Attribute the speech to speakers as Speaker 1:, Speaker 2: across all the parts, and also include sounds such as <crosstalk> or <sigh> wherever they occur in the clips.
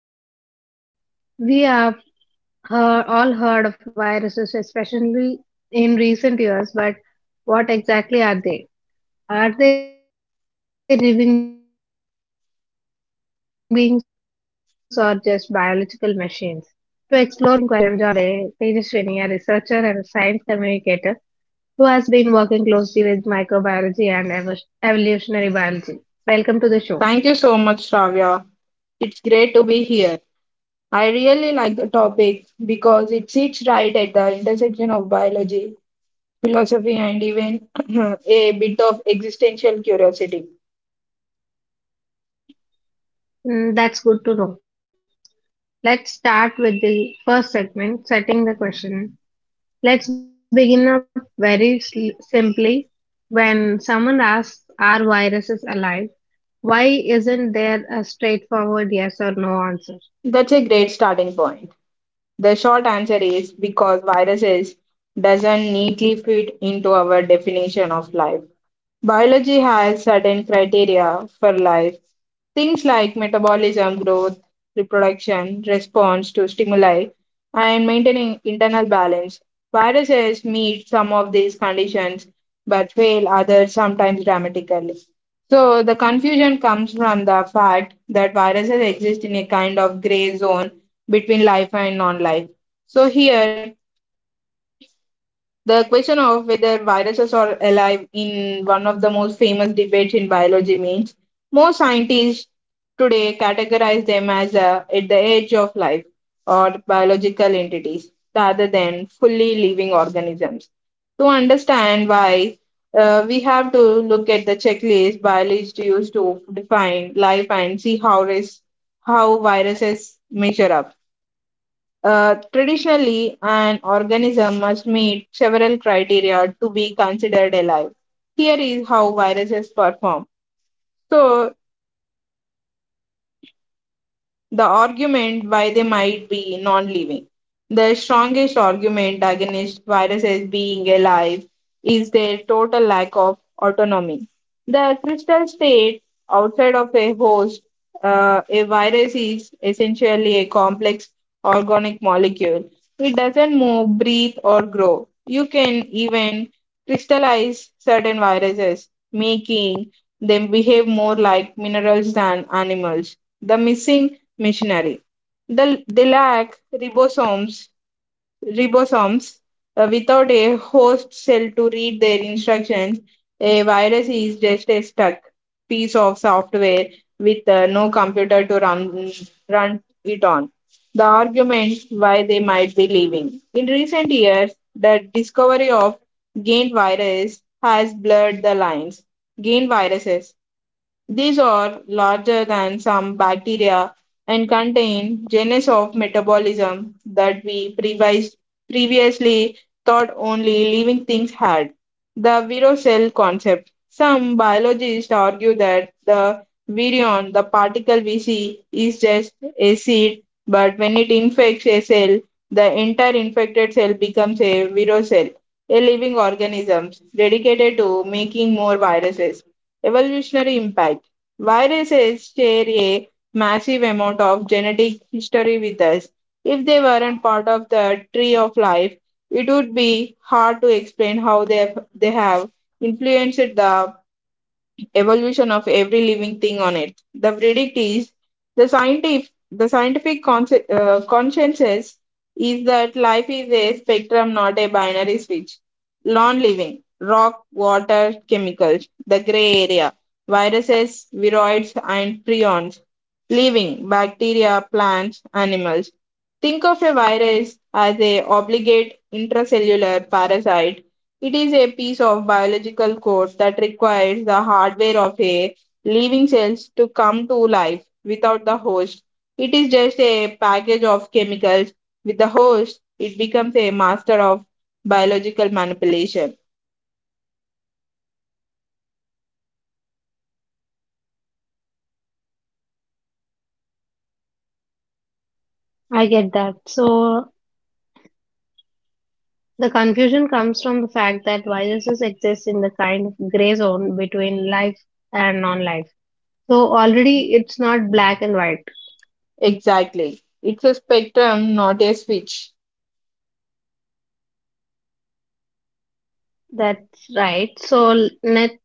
Speaker 1: Alive or not? We have heard, all heard of viruses, especially in recent years, but what exactly are they? Are they living beings or just biological machines? To explore this fascinating question, I'm joined by our guest today, Tejaswini, a researcher and a science communicator who has been working closely with microbiology and evolutionary biology. Welcome to the show.
Speaker 2: Thank you so much, Shravya. It's great to be here. I really like the topic because it sits right at the intersection of biology, philosophy, and even <clears throat> a bit of existential curiosity.
Speaker 1: Mm, that's good to know. Let's start with the first segment, setting the question. Let's begin up very simply. When someone asks, are viruses alive? Why isn't there a straightforward yes or no answer?
Speaker 2: That's a great starting point. The short answer is because viruses doesn't neatly fit into our definition of life. Biology has certain criteria for life. Things like metabolism, growth, reproduction, response to stimuli, and maintaining internal balance. Viruses meet some of these conditions but fail others sometimes dramatically. So, the confusion comes from the fact that viruses exist in a kind of gray zone between life and non-life. So here, the question of whether viruses are alive in one of the most famous debates in biology means most scientists today categorize them as at the edge of life or biological entities rather than fully living organisms. To understand why, we have to look at the checklist biologists use to define life and see how viruses measure up. Traditionally, an organism must meet several criteria to be considered alive. Here is how viruses perform. So, the argument why they might be non living. The strongest argument against viruses being alive is their total lack of autonomy. The crystal state outside of a host, a virus is essentially a complex organic molecule. It doesn't move, breathe, or grow. You can even crystallize certain viruses, making them behave more like minerals than animals. The missing machinery. The, they lack ribosomes, ribosomes. Without a host cell to read their instructions, a virus is just a stuck piece of software with no computer to run it on. The argument why they might be leaving. In recent years, the discovery of gain virus has blurred the lines. Gain viruses these are larger than some bacteria and contain genus of metabolism that previously thought only living things had. The virion cell concept. Some biologists argue that the virion, the particle we see, is just a seed, but when it infects a cell, the entire infected cell becomes a virion cell, a living organism dedicated to making more viruses evolutionary impact. Viruses share a massive amount of genetic history with us. If they weren't part of the tree of life, it would be hard to explain how they have influenced the evolution of every living thing on it. The verdict is the scientific the scientific consensus is that life is a spectrum, not a binary switch. Long living, rock, water, chemicals, the gray area, viruses, viroids, and prions. Living, bacteria, plants, animals. Think of a virus as a obligate intracellular parasite. It is a piece of biological code that requires the hardware of a living cells to come to life without the host. It is just a package of chemicals. With the host, it becomes a master of biological manipulation.
Speaker 1: I get that. So the confusion comes from the fact that viruses exist in the kind of gray zone between life and non-life. So already it's not black and white.
Speaker 2: Exactly. It's a spectrum, not a switch.
Speaker 1: That's right. So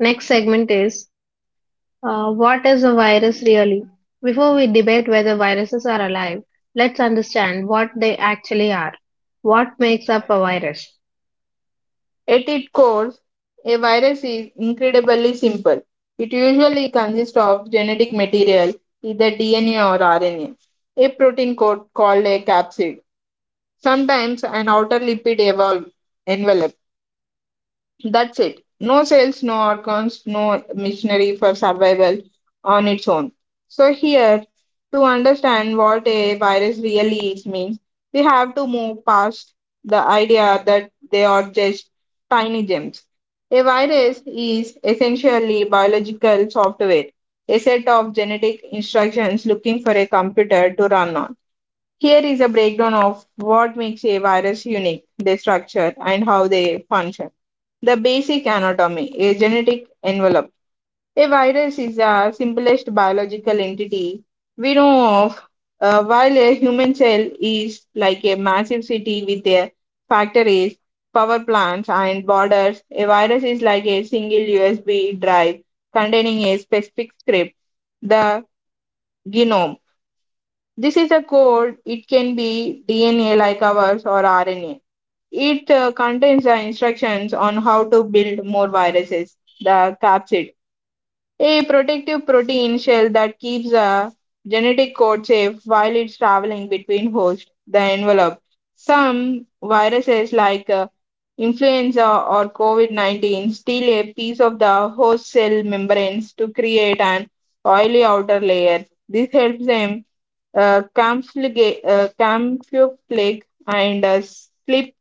Speaker 1: next segment is, what is a virus really? Before we debate whether viruses are alive, let's understand what they actually are. What makes up a virus?
Speaker 2: At its core, a virus is incredibly simple. It usually consists of genetic material, either DNA or RNA, a protein code called a capsid, sometimes an outer envelope. That's it. No cells, no organs, no machinery for survival on its own. So, here, to understand what a virus really is, means we have to move past the idea that they are just tiny gems. A virus is essentially biological software, a set of genetic instructions looking for a computer to run on. Here is a breakdown of what makes a virus unique, their structure, and how they function. The basic anatomy, a genetic envelope. A virus is the simplest biological entity we know of. While a human cell is like a massive city with their factories, power plants, and borders. A virus is like a single USB drive containing a specific script, the genome. This is a code. It can be DNA like ours or RNA. It contains the instructions on how to build more viruses, the capsid, a protective protein shell that keeps the genetic code safe while it's traveling between hosts, the envelope. Some viruses like influenza or COVID 19 steal a piece of the host cell membranes to create an oily outer layer. This helps them camouflage and slip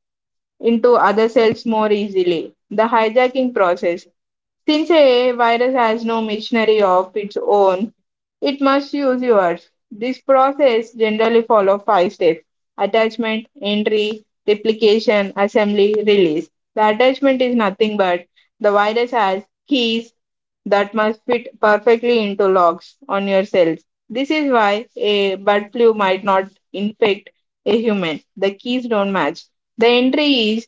Speaker 2: into other cells more easily. The hijacking process. Since a virus has no machinery of its own, it must use yours. This process generally follows 5 steps: attachment, entry, replication, assembly, release. The attachment is nothing but the virus has keys that must fit perfectly into locks on your cells. This is why a bird flu might not infect a human. The keys don't match. The entry is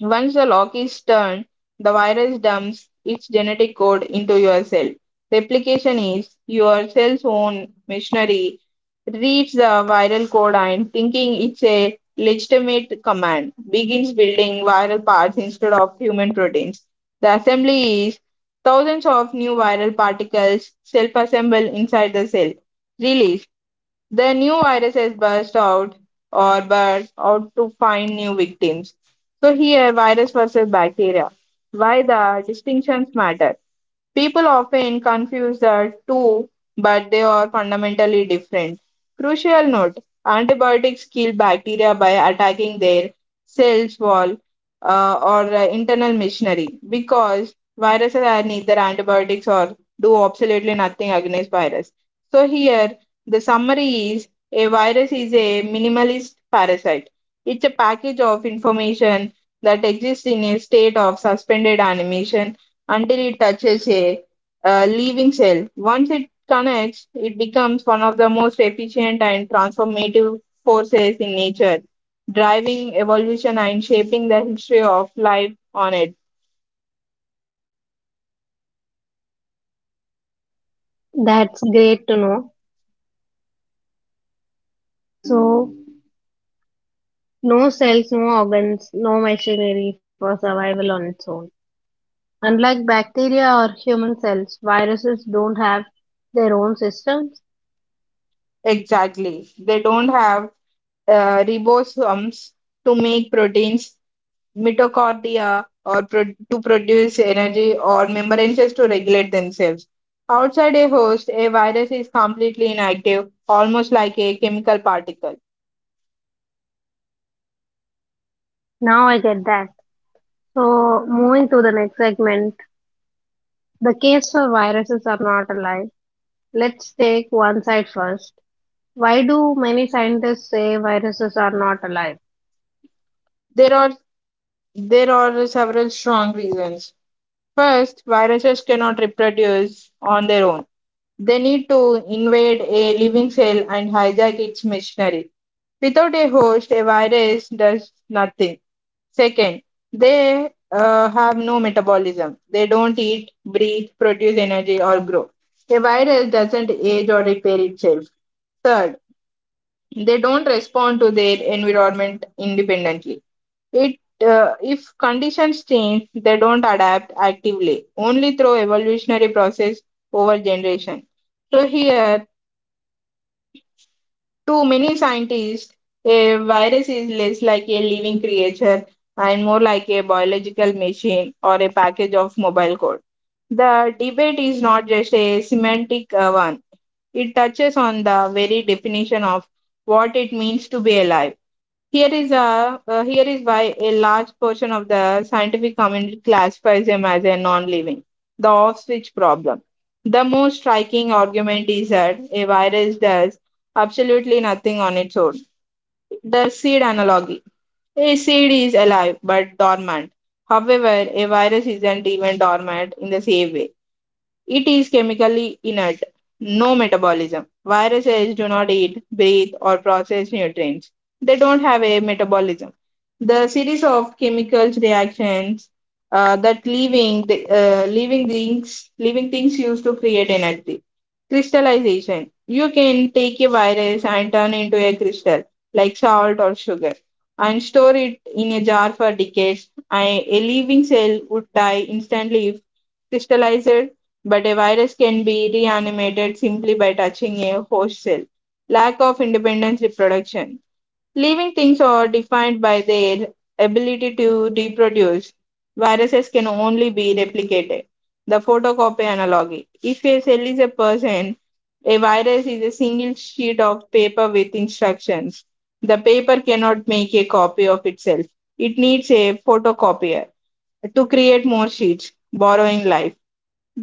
Speaker 2: once the lock is turned, the virus dumps its genetic code into your cell. Replication is your cell's own machinery reads the viral code and thinking it's a legitimate command, begins building viral parts instead of human proteins. The assembly is thousands of new viral particles self assemble inside the cell. Release, the new viruses burst out to find new victims. So here, virus versus bacteria. Why the distinctions matter? People often confuse the two, but they are fundamentally different. Crucial note: antibiotics kill bacteria by attacking their cells wall or internal machinery because viruses are neither antibiotics or do absolutely nothing against virus. So here the summary is a virus is a minimalist parasite. It's a package of information that exists in a state of suspended animation until it touches a leaving cell. Once it connects, it becomes one of the most efficient and transformative forces in nature, driving evolution and shaping the history of life on it.
Speaker 1: That's great to know. So, no cells, no organs, no machinery for survival on its own. Unlike bacteria or human cells, viruses don't have their own systems.
Speaker 2: Exactly. They don't have ribosomes to make proteins, mitochondria or to produce energy, or membranes to regulate themselves. Outside a host, a virus is completely inactive, almost like a chemical particle.
Speaker 1: Now I get that. So, moving to the next segment, the case for viruses are not alive. Let's take one side first. Why do many scientists say viruses are not alive?
Speaker 2: There are there are several strong reasons. First, viruses cannot reproduce on their own. They need to invade a living cell and hijack its machinery. Without a host, a virus does nothing. Second, they have no metabolism. They don't eat, breathe, produce energy, or grow. A virus doesn't age or repair itself. Third, they don't respond to their environment independently. It If conditions change, they don't adapt actively, only through evolutionary process over generation. So here, to many scientists, a virus is less like a living creature and more like a biological machine or a package of mobile code. The debate is not just a semantic one. It touches on the very definition of what it means to be alive. Here is why a large portion of the scientific community classifies them as a non-living, the off-switch problem. The most striking argument is that a virus does absolutely nothing on its own. The seed analogy: a seed is alive but dormant. However, a virus isn't even dormant in the same way. It is chemically inert, no metabolism. Viruses do not eat, breathe, or process nutrients. They don't have a metabolism. The series of chemical reactions that leaving things used to create energy. Crystallization. You can take a virus and turn into a crystal, like salt or sugar, and store it in a jar for decades. I, a living cell would die instantly if crystallized but a virus can be reanimated simply by touching a host cell. Lack of independent reproduction. Living things are defined by their ability to reproduce. Viruses can only be replicated. The photocopy analogy. If a cell is a person, a virus is a single sheet of paper with instructions. The paper cannot make a copy of itself. It needs a photocopier to create more sheets, borrowing life.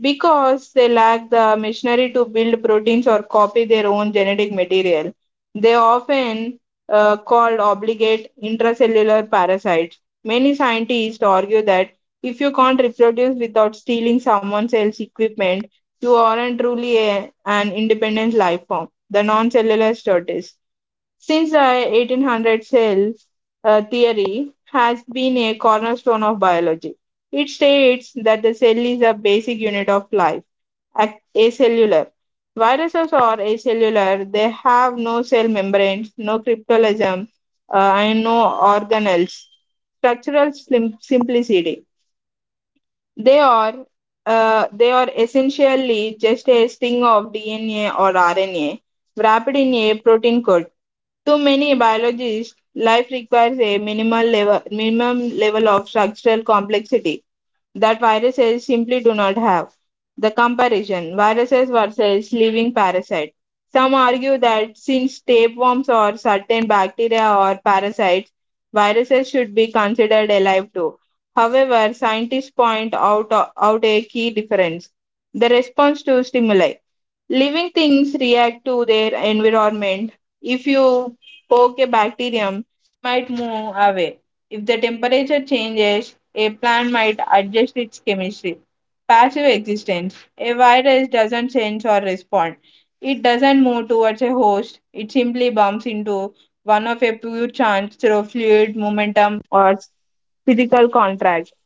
Speaker 2: Because they lack the machinery to build proteins or copy their own genetic material, they often called obligate intracellular parasites. Many scientists argue that if you can't reproduce without stealing someone else's equipment, you aren't truly an independent life form, the non-cellular tortoise. Since the 1800s, cell theory has been a cornerstone of biology. It states that the cell is a basic unit of life, acellular. Viruses are acellular, they have no cell membranes, no cryptoplasm, and no organelles. Structural simplicity. They are they are essentially just a string of DNA or RNA wrapped in a
Speaker 1: Yes.
Speaker 2: protein coat. To many biologists, life requires a minimum level of structural complexity that viruses simply do not have. The comparison viruses versus living parasite. Some argue that since tapeworms or certain bacteria or parasites, viruses should be considered alive too. However, scientists point out a key difference the response to stimuli. Living things react to their environment. If you poke a bacterium, it might move away. If the temperature changes, a plant might adjust its chemistry. Passive existence. A virus doesn't sense or respond. It doesn't move towards a host. It simply bumps into one of a few chance through fluid, momentum, or physical contact.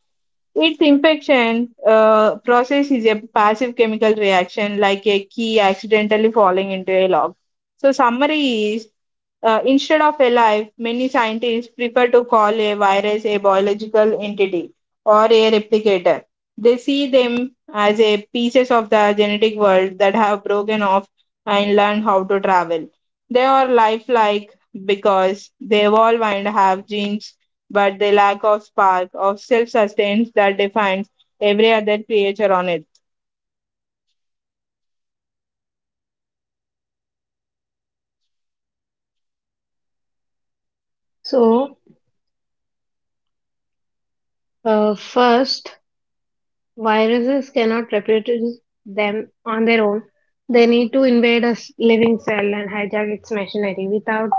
Speaker 2: Its infection process is a passive chemical reaction, like a key accidentally falling into a lock. So, summary is instead of a life, many scientists prefer to call a virus a biological entity or a replicator. They see them as a pieces of the genetic world that have broken off and learned how to travel. They are lifelike because they evolve and have genes, but they lack of spark of self-sustenance that defines every other creature on Earth.
Speaker 1: So, first, viruses cannot reproduce them on their own. They need to invade a living cell and hijack its machinery. Without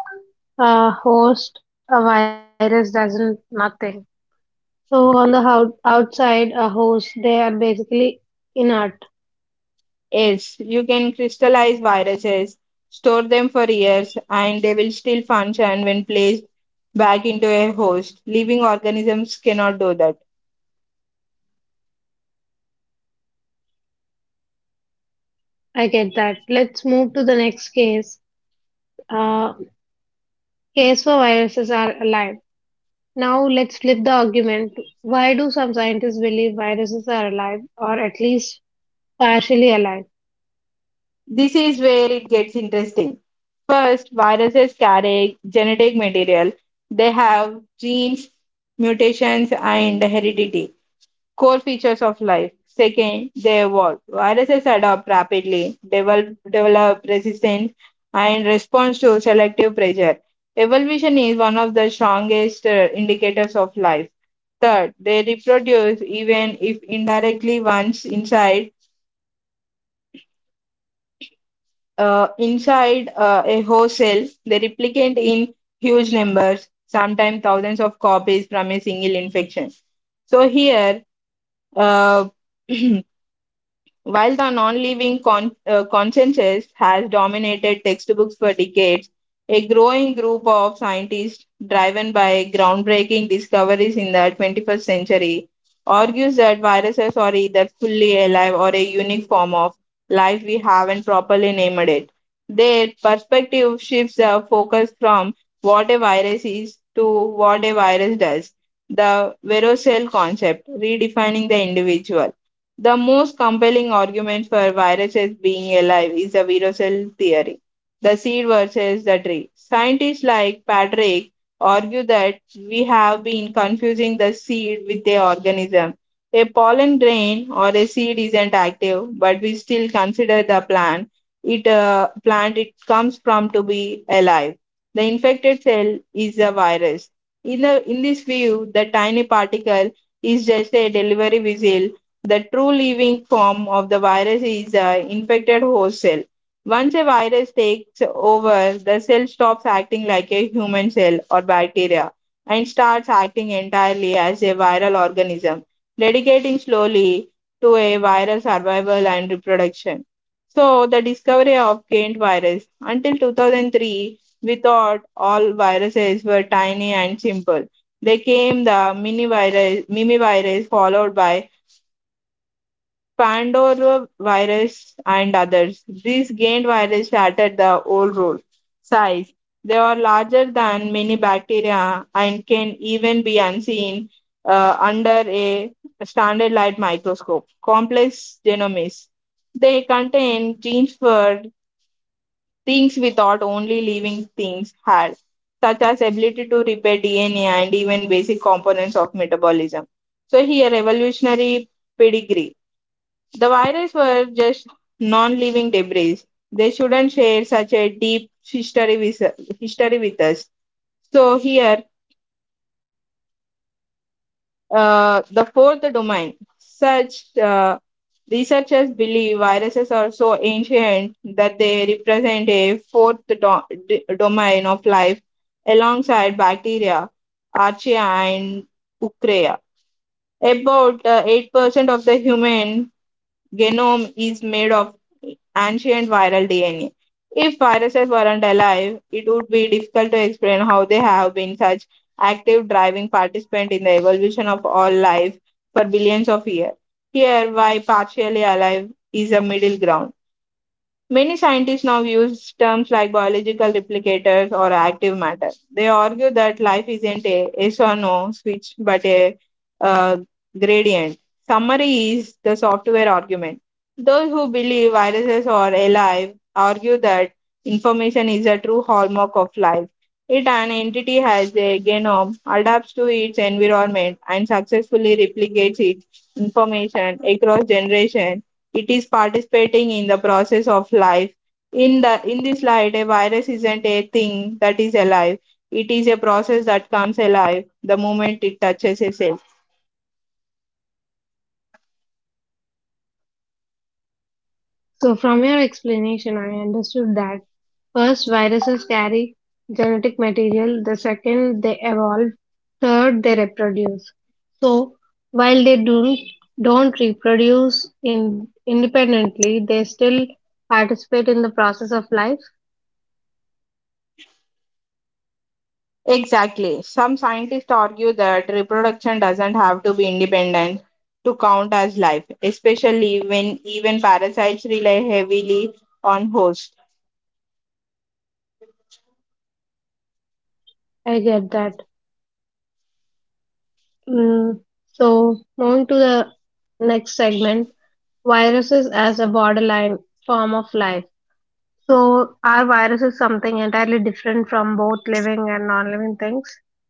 Speaker 1: a host, a virus doesn't nothing. So, on the outside, a host, they are basically inert.
Speaker 2: Yes, you can crystallize viruses, store them for years, and they will still function when placed back into a host. Living organisms cannot do that.
Speaker 1: I get that. Let's move to the next case. Uh, Case for viruses are alive. Now, let's flip the argument. Why do some scientists believe viruses are alive or at least partially alive?
Speaker 2: This is where it gets interesting. First, viruses carry genetic material. They have genes, mutations, and heredity. Core features of life. Second, they evolve. Viruses adapt rapidly, develop resistance, and response to selective pressure. Evolution is one of the strongest indicators of life. Third, they reproduce even if indirectly once inside a host cell. They replicate in huge numbers, sometimes thousands of copies from a single infection. So here, uh, <clears throat> while the non-living consciences has dominated textbooks for decades, a growing group of scientists driven by groundbreaking discoveries in the 21st century argues that viruses are either fully alive or a unique form of life we haven't properly named it. Their perspective shifts the focus from what a virus is to what a virus does, the verocell concept, redefining the individual. The most compelling argument for viruses being alive is the virocell theory, the seed versus the tree. Scientists like Patrick argue that we have been confusing the seed with the organism. A pollen grain or a seed isn't active, but we still consider the plant it comes from to be alive. The infected cell is a virus. In this view, the tiny particle is just a delivery vessel. The true living form of the virus is an infected host cell. Once a virus takes over, the cell stops acting like a human cell or bacteria and starts acting entirely as a viral organism, dedicating slowly to a viral survival and reproduction. So, the discovery of Kent virus. Until 2003, we thought all viruses were tiny and simple. They came the mimivirus, followed by Pandorovirus, and others. These gained viruses shattered the old rule. Size. They are larger than many bacteria and can even be unseen under a standard light microscope. Complex genomics. They contain genes for things we thought only living things had, such as ability to repair DNA and even basic components of metabolism. So here, evolutionary pedigree. The virus were just non living debris. They shouldn't share such a deep history with us. So, here, the fourth domain. Such Researchers believe viruses are so ancient that they represent a fourth domain of life alongside bacteria, archaea, and eukarya. About 8% of the human genome is made of ancient viral DNA. If viruses weren't alive, it would be difficult to explain how they have been such active driving participant in the evolution of all life for billions of years. Here, why partially alive is a middle ground. Many scientists now use terms like biological replicators or active matter. They argue that life isn't a yes or no switch but a uh, gradient. Summary is the software argument. Those who believe viruses are alive argue that information is a true hallmark of life. It an entity has a genome, adapts to its environment, and successfully replicates its information across generations, it is participating in the process of life. In this light, a virus isn't a thing that is alive, it is a process that comes alive the moment it touches a cell.
Speaker 1: So, from your explanation, I understood that first, viruses carry genetic material, the second, they evolve, third, they reproduce. So, while they don't reproduce in, independently, they still participate in the process of life.
Speaker 2: Exactly, some scientists argue that reproduction doesn't have to be independent to count as life, especially when even parasites rely heavily on hosts.
Speaker 1: I get that. Mm, so, moving to the next segment, viruses as a borderline form of life. So, our virus is something entirely different from both living and non living things.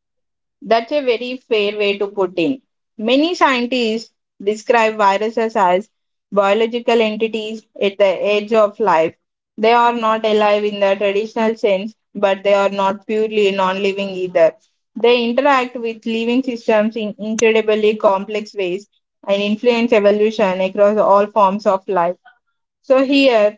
Speaker 2: That's a very fair way to put in. Many scientists describe viruses as biological entities at the edge of life. They are not alive in the traditional sense, but they are not purely non living either. They interact with living systems in incredibly complex ways and influence evolution across all forms of life. So, here,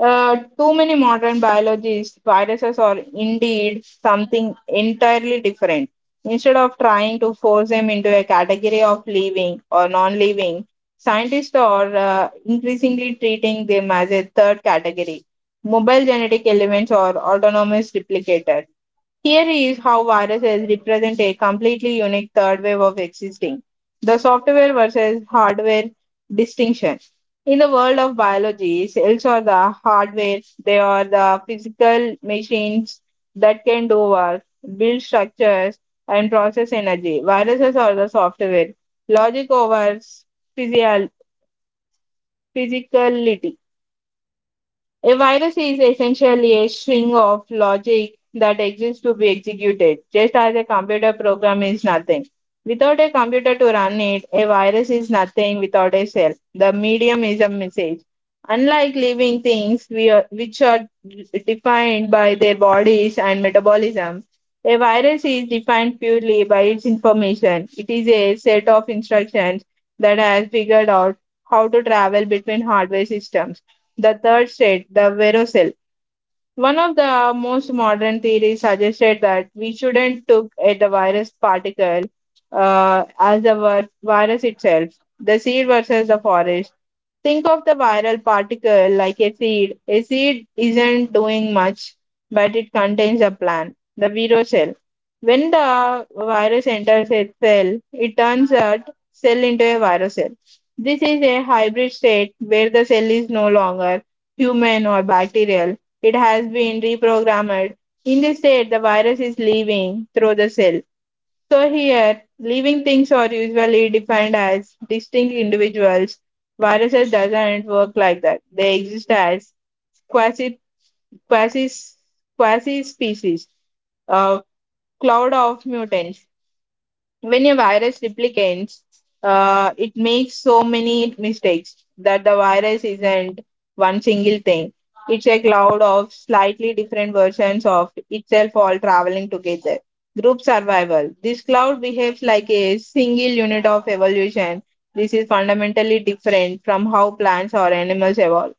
Speaker 2: to many modern biologists, viruses are indeed something entirely different. Instead of trying to force them into a category of living or non living, scientists are increasingly treating them as a third category. Mobile genetic elements or autonomous replicators. Here is how viruses represent a completely unique third wave of existing the software versus hardware distinction. In the world of biology, cells are the hardware, they are the physical machines that can do work, build structures, and process energy. Viruses are the software, logic over physio- physicality. A virus is essentially a string of logic that exists to be executed, just as a computer program is nothing. Without a computer to run it, a virus is nothing without a cell. The medium is a message. Unlike living things, we are, which are defined by their bodies and metabolism, a virus is defined purely by its information. It is a set of instructions that has figured out how to travel between hardware systems. The third state, the virocell. One of the most modern theories suggested that we shouldn't look at the virus particle as the virus itself. The seed versus the forest. Think of the viral particle like a seed. A seed isn't doing much, but it contains a plant, the virus cell. When the virus enters a cell, it turns that cell into a virus cell. This is a hybrid state where the cell is no longer human or bacterial. It has been reprogrammed. In this state, the virus is living through the cell. So here, living things are usually defined as distinct individuals. Viruses doesn't work like that. They exist as quasi quasi quasi species, a cloud of mutants. When a virus replicates, it makes so many mistakes that the virus isn't one single thing. It's a cloud of slightly different versions of itself all traveling together. Group survival. This cloud behaves like a single unit of evolution. This is fundamentally different from how plants or animals evolve,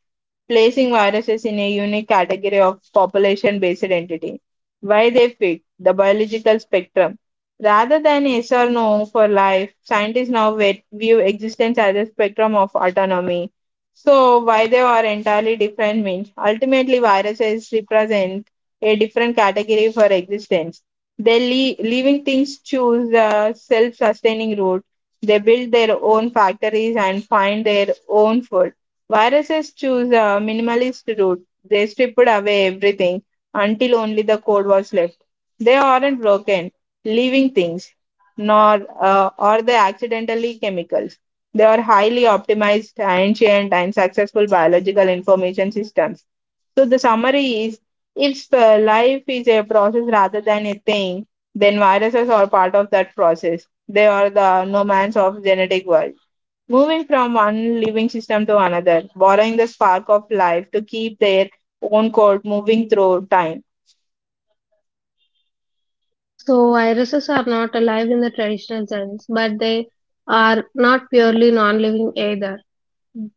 Speaker 2: placing viruses in a unique category of population based entity, why they fit the biological spectrum. Rather than yes or no for life, scientists now view existence as a spectrum of autonomy. So, why they are entirely different means ultimately viruses represent a different category for existence. Living things choose the self sustaining route, they build their own factories and find their own food. Viruses choose a minimalist route. They stripped away everything until only the code was left. They aren't broken, living things, nor are they accidentally chemicals. They are highly optimized, ancient, and successful biological information systems. So the summary is: if life is a process rather than a thing, then viruses are part of that process. They are the nomads of genetic world, moving from one living system to another, borrowing the spark of life to keep their own course moving through time.
Speaker 1: So, viruses are not alive in the traditional sense, but they are not purely non living either.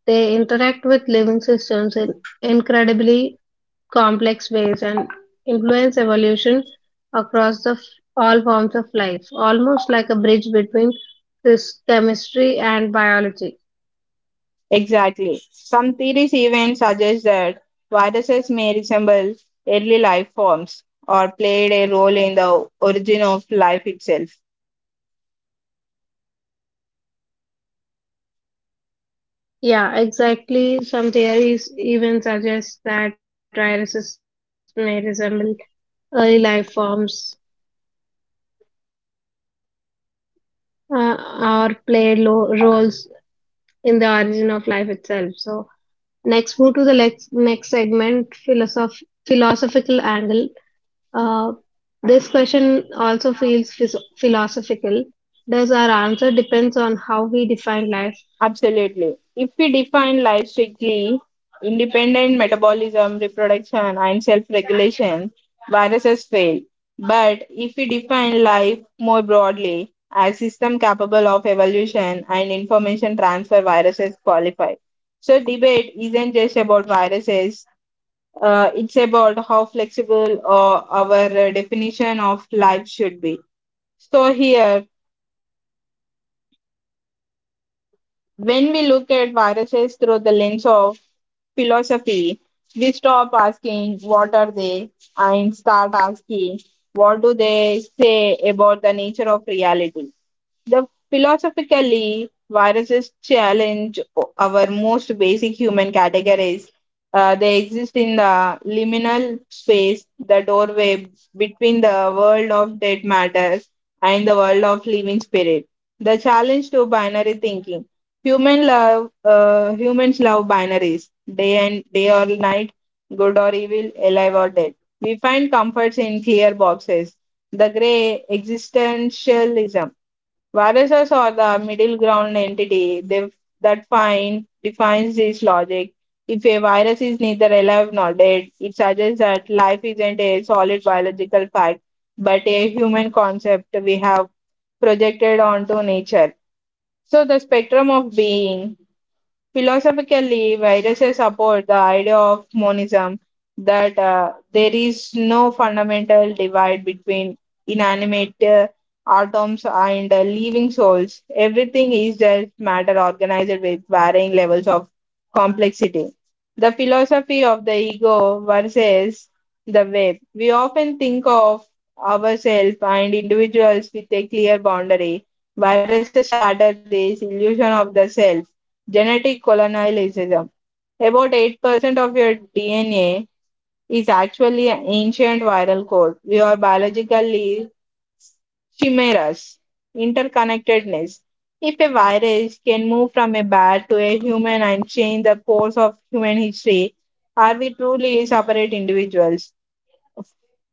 Speaker 1: They interact with living systems in incredibly complex ways and influence evolution across all forms of life, almost like a bridge between this chemistry and biology.
Speaker 2: Exactly. Some theories even suggest that viruses may resemble early life forms or played a role in the origin of life itself.
Speaker 1: Yeah, exactly. Some theories even suggest that viruses may resemble early life forms, uh, or play roles in the origin of life itself. So, next, move to the next segment, philosophical angle. Uh, this question also feels philosophical. Does our answer depends on how we define life?
Speaker 2: Absolutely. If we define life strictly, independent metabolism, reproduction, and self regulation, viruses fail. But if we define life more broadly, as system capable of evolution and information transfer, viruses qualify. So, debate isn't just about viruses, it's about how flexible our definition of life should be. So, here, when we look at viruses through the lens of philosophy, we stop asking what are they and start asking what do they say about the nature of reality. The philosophically, viruses challenge our most basic human categories. They exist in the liminal space, the doorway between the world of dead matters and the world of living spirit. The challenge to binary thinking. Humans love binaries, day or night, good or evil, alive or dead. We find comforts in clear boxes. The gray existentialism. Viruses are the middle ground entity that find, defines this logic. If a virus is neither alive nor dead, it suggests that life isn't a solid biological fact, but a human concept we have projected onto nature. So, the spectrum of being. Philosophically, viruses support the idea of monism, that there is no fundamental divide between inanimate atoms and living souls. Everything is just matter organized with varying levels of complexity. The philosophy of the ego versus the web. We often think of ourselves and individuals with a clear boundary. Viruses shatter this illusion of the self. Genetic colonialism. About 8% of your DNA is actually an ancient viral code. We are biologically chimeras. Interconnectedness. If a virus can move from a bat to a human and change the course of human history, are we truly separate individuals?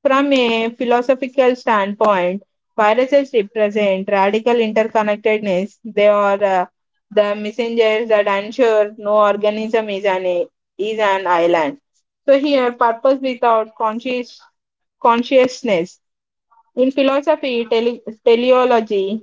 Speaker 2: From a philosophical standpoint, viruses represent radical interconnectedness. They are the messengers that ensure no is an island. So, here, purpose without consciousness. In philosophy, teleology,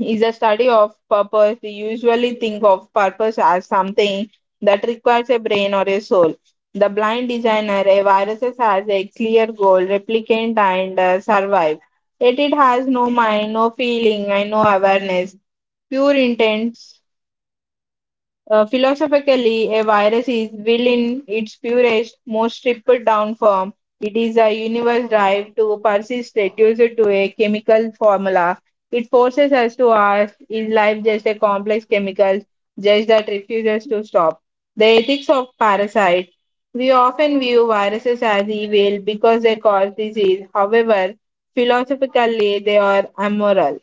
Speaker 2: is a study of purpose. We usually think of purpose as something that requires a brain or a soul. The blind designer, a virus has a clear goal, replicant, and survive. Yet it has no mind, no feeling, and no awareness. Pure intent. Uh, philosophically, a virus is will in its purest, most stripped down form. It is a universe drive to persist reduced to a chemical formula. It forces us to ask, is life just a complex chemical just that refuses to stop? The ethics of parasite. We often view viruses as evil because they cause disease. However, philosophically, they are amoral.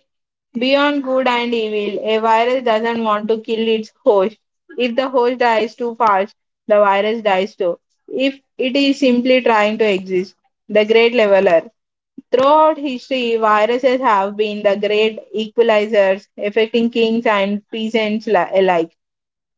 Speaker 2: Beyond good and evil, a virus doesn't want to kill its host. If the host dies too fast, the virus dies too. If it is simply trying to exist, the great leveler. Throughout history, viruses have been the great equalizers, affecting kings and peasants alike.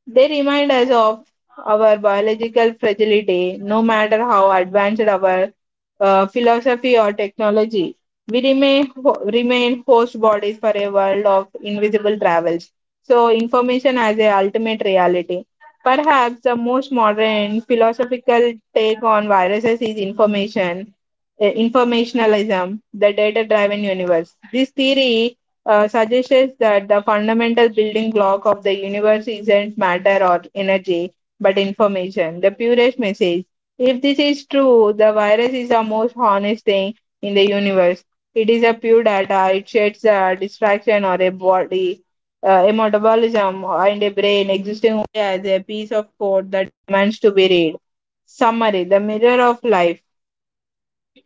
Speaker 2: They remind us of our biological fragility, no matter how advanced our philosophy or technology. We remain, remain host bodies for a world of invisible travels. So, information as a ultimate reality. Perhaps the most modern philosophical take on viruses is information, informationalism, the data driven universe. This theory suggests that the fundamental building block of the universe isn't matter or energy, but information. The purest message. If this is true, the virus is the most honest thing in the universe. It is a pure data. It sheds a distraction or a body, a metabolism, and a brain existing only as a piece of code that demands to be read. Summary: the mirror of life.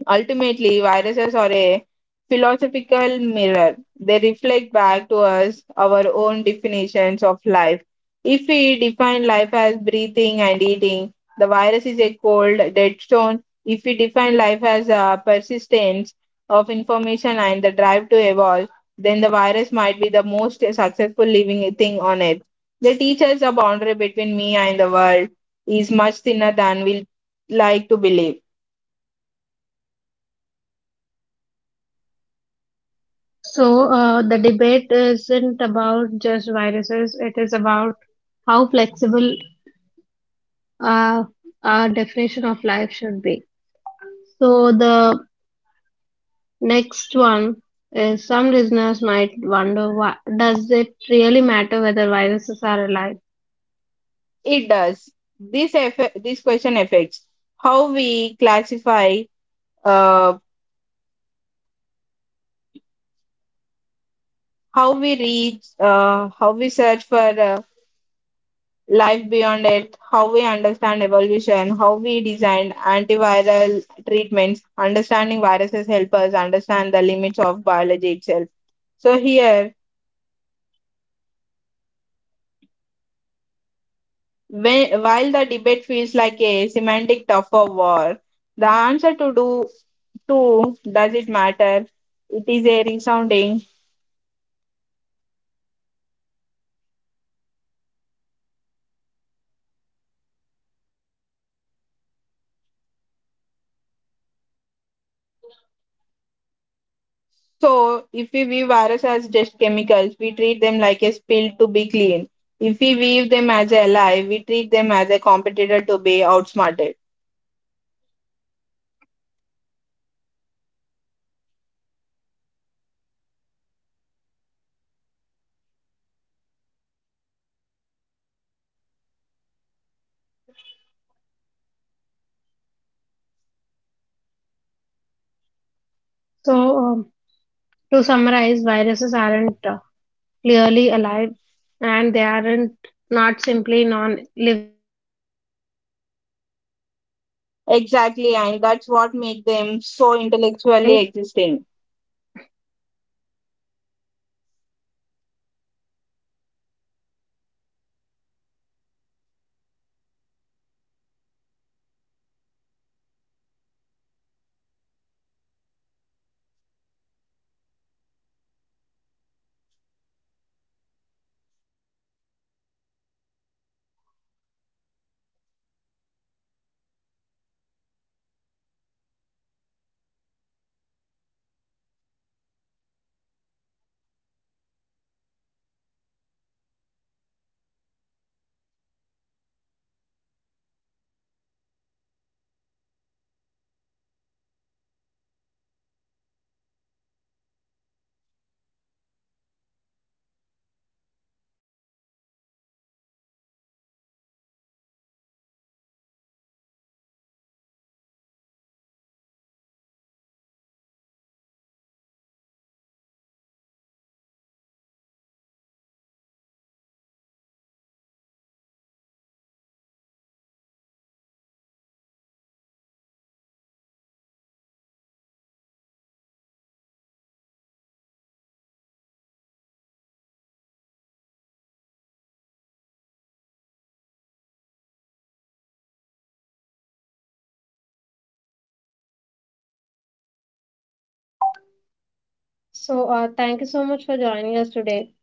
Speaker 2: Ultimately, viruses are a philosophical mirror. They reflect back to us our own definitions of life. If we define life as breathing and eating, the virus is a cold, dead stone. If we define life as a persistence of information and the drive to evolve, then the virus might be the most successful living thing on earth. They teach us the boundary between me and the world is much thinner than we like to believe.
Speaker 1: So, the debate isn't about just viruses, it is about how flexible uh, our definition of life should be. So, the next one is, some listeners might wonder why, does it really matter whether viruses are alive?
Speaker 2: It does. This this question affects how we classify, uh, how we search for uh, life beyond it, how we understand evolution, how we design antiviral treatments. Understanding viruses help us understand the limits of biology itself. So here, when, while the debate feels like a semantic tug of war, the answer to do to does it matter? It is a resounding. So, if we view viruses as just chemicals, we treat them like a spill to be clean. If we view them as a ally, we treat them as a competitor to be outsmarted.
Speaker 1: So, um, to summarize, viruses aren't clearly alive and they aren't not simply non living either. They exist in fascinating gray zone that
Speaker 2: Exactly,
Speaker 1: challenges our
Speaker 2: and that's what makes
Speaker 1: understandings of
Speaker 2: them
Speaker 1: life.
Speaker 2: so intellectually existing.
Speaker 1: Yeah, beautifully said. Uh, Thank you so much for joining us. So, thank you so much for joining us today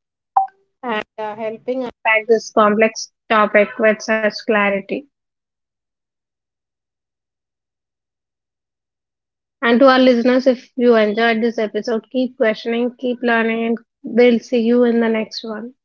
Speaker 1: and helping unpack this complex topic with clarity. And to our listeners, if you enjoyed this episode, keep questioning, keep learning, and we'll see you in the next one.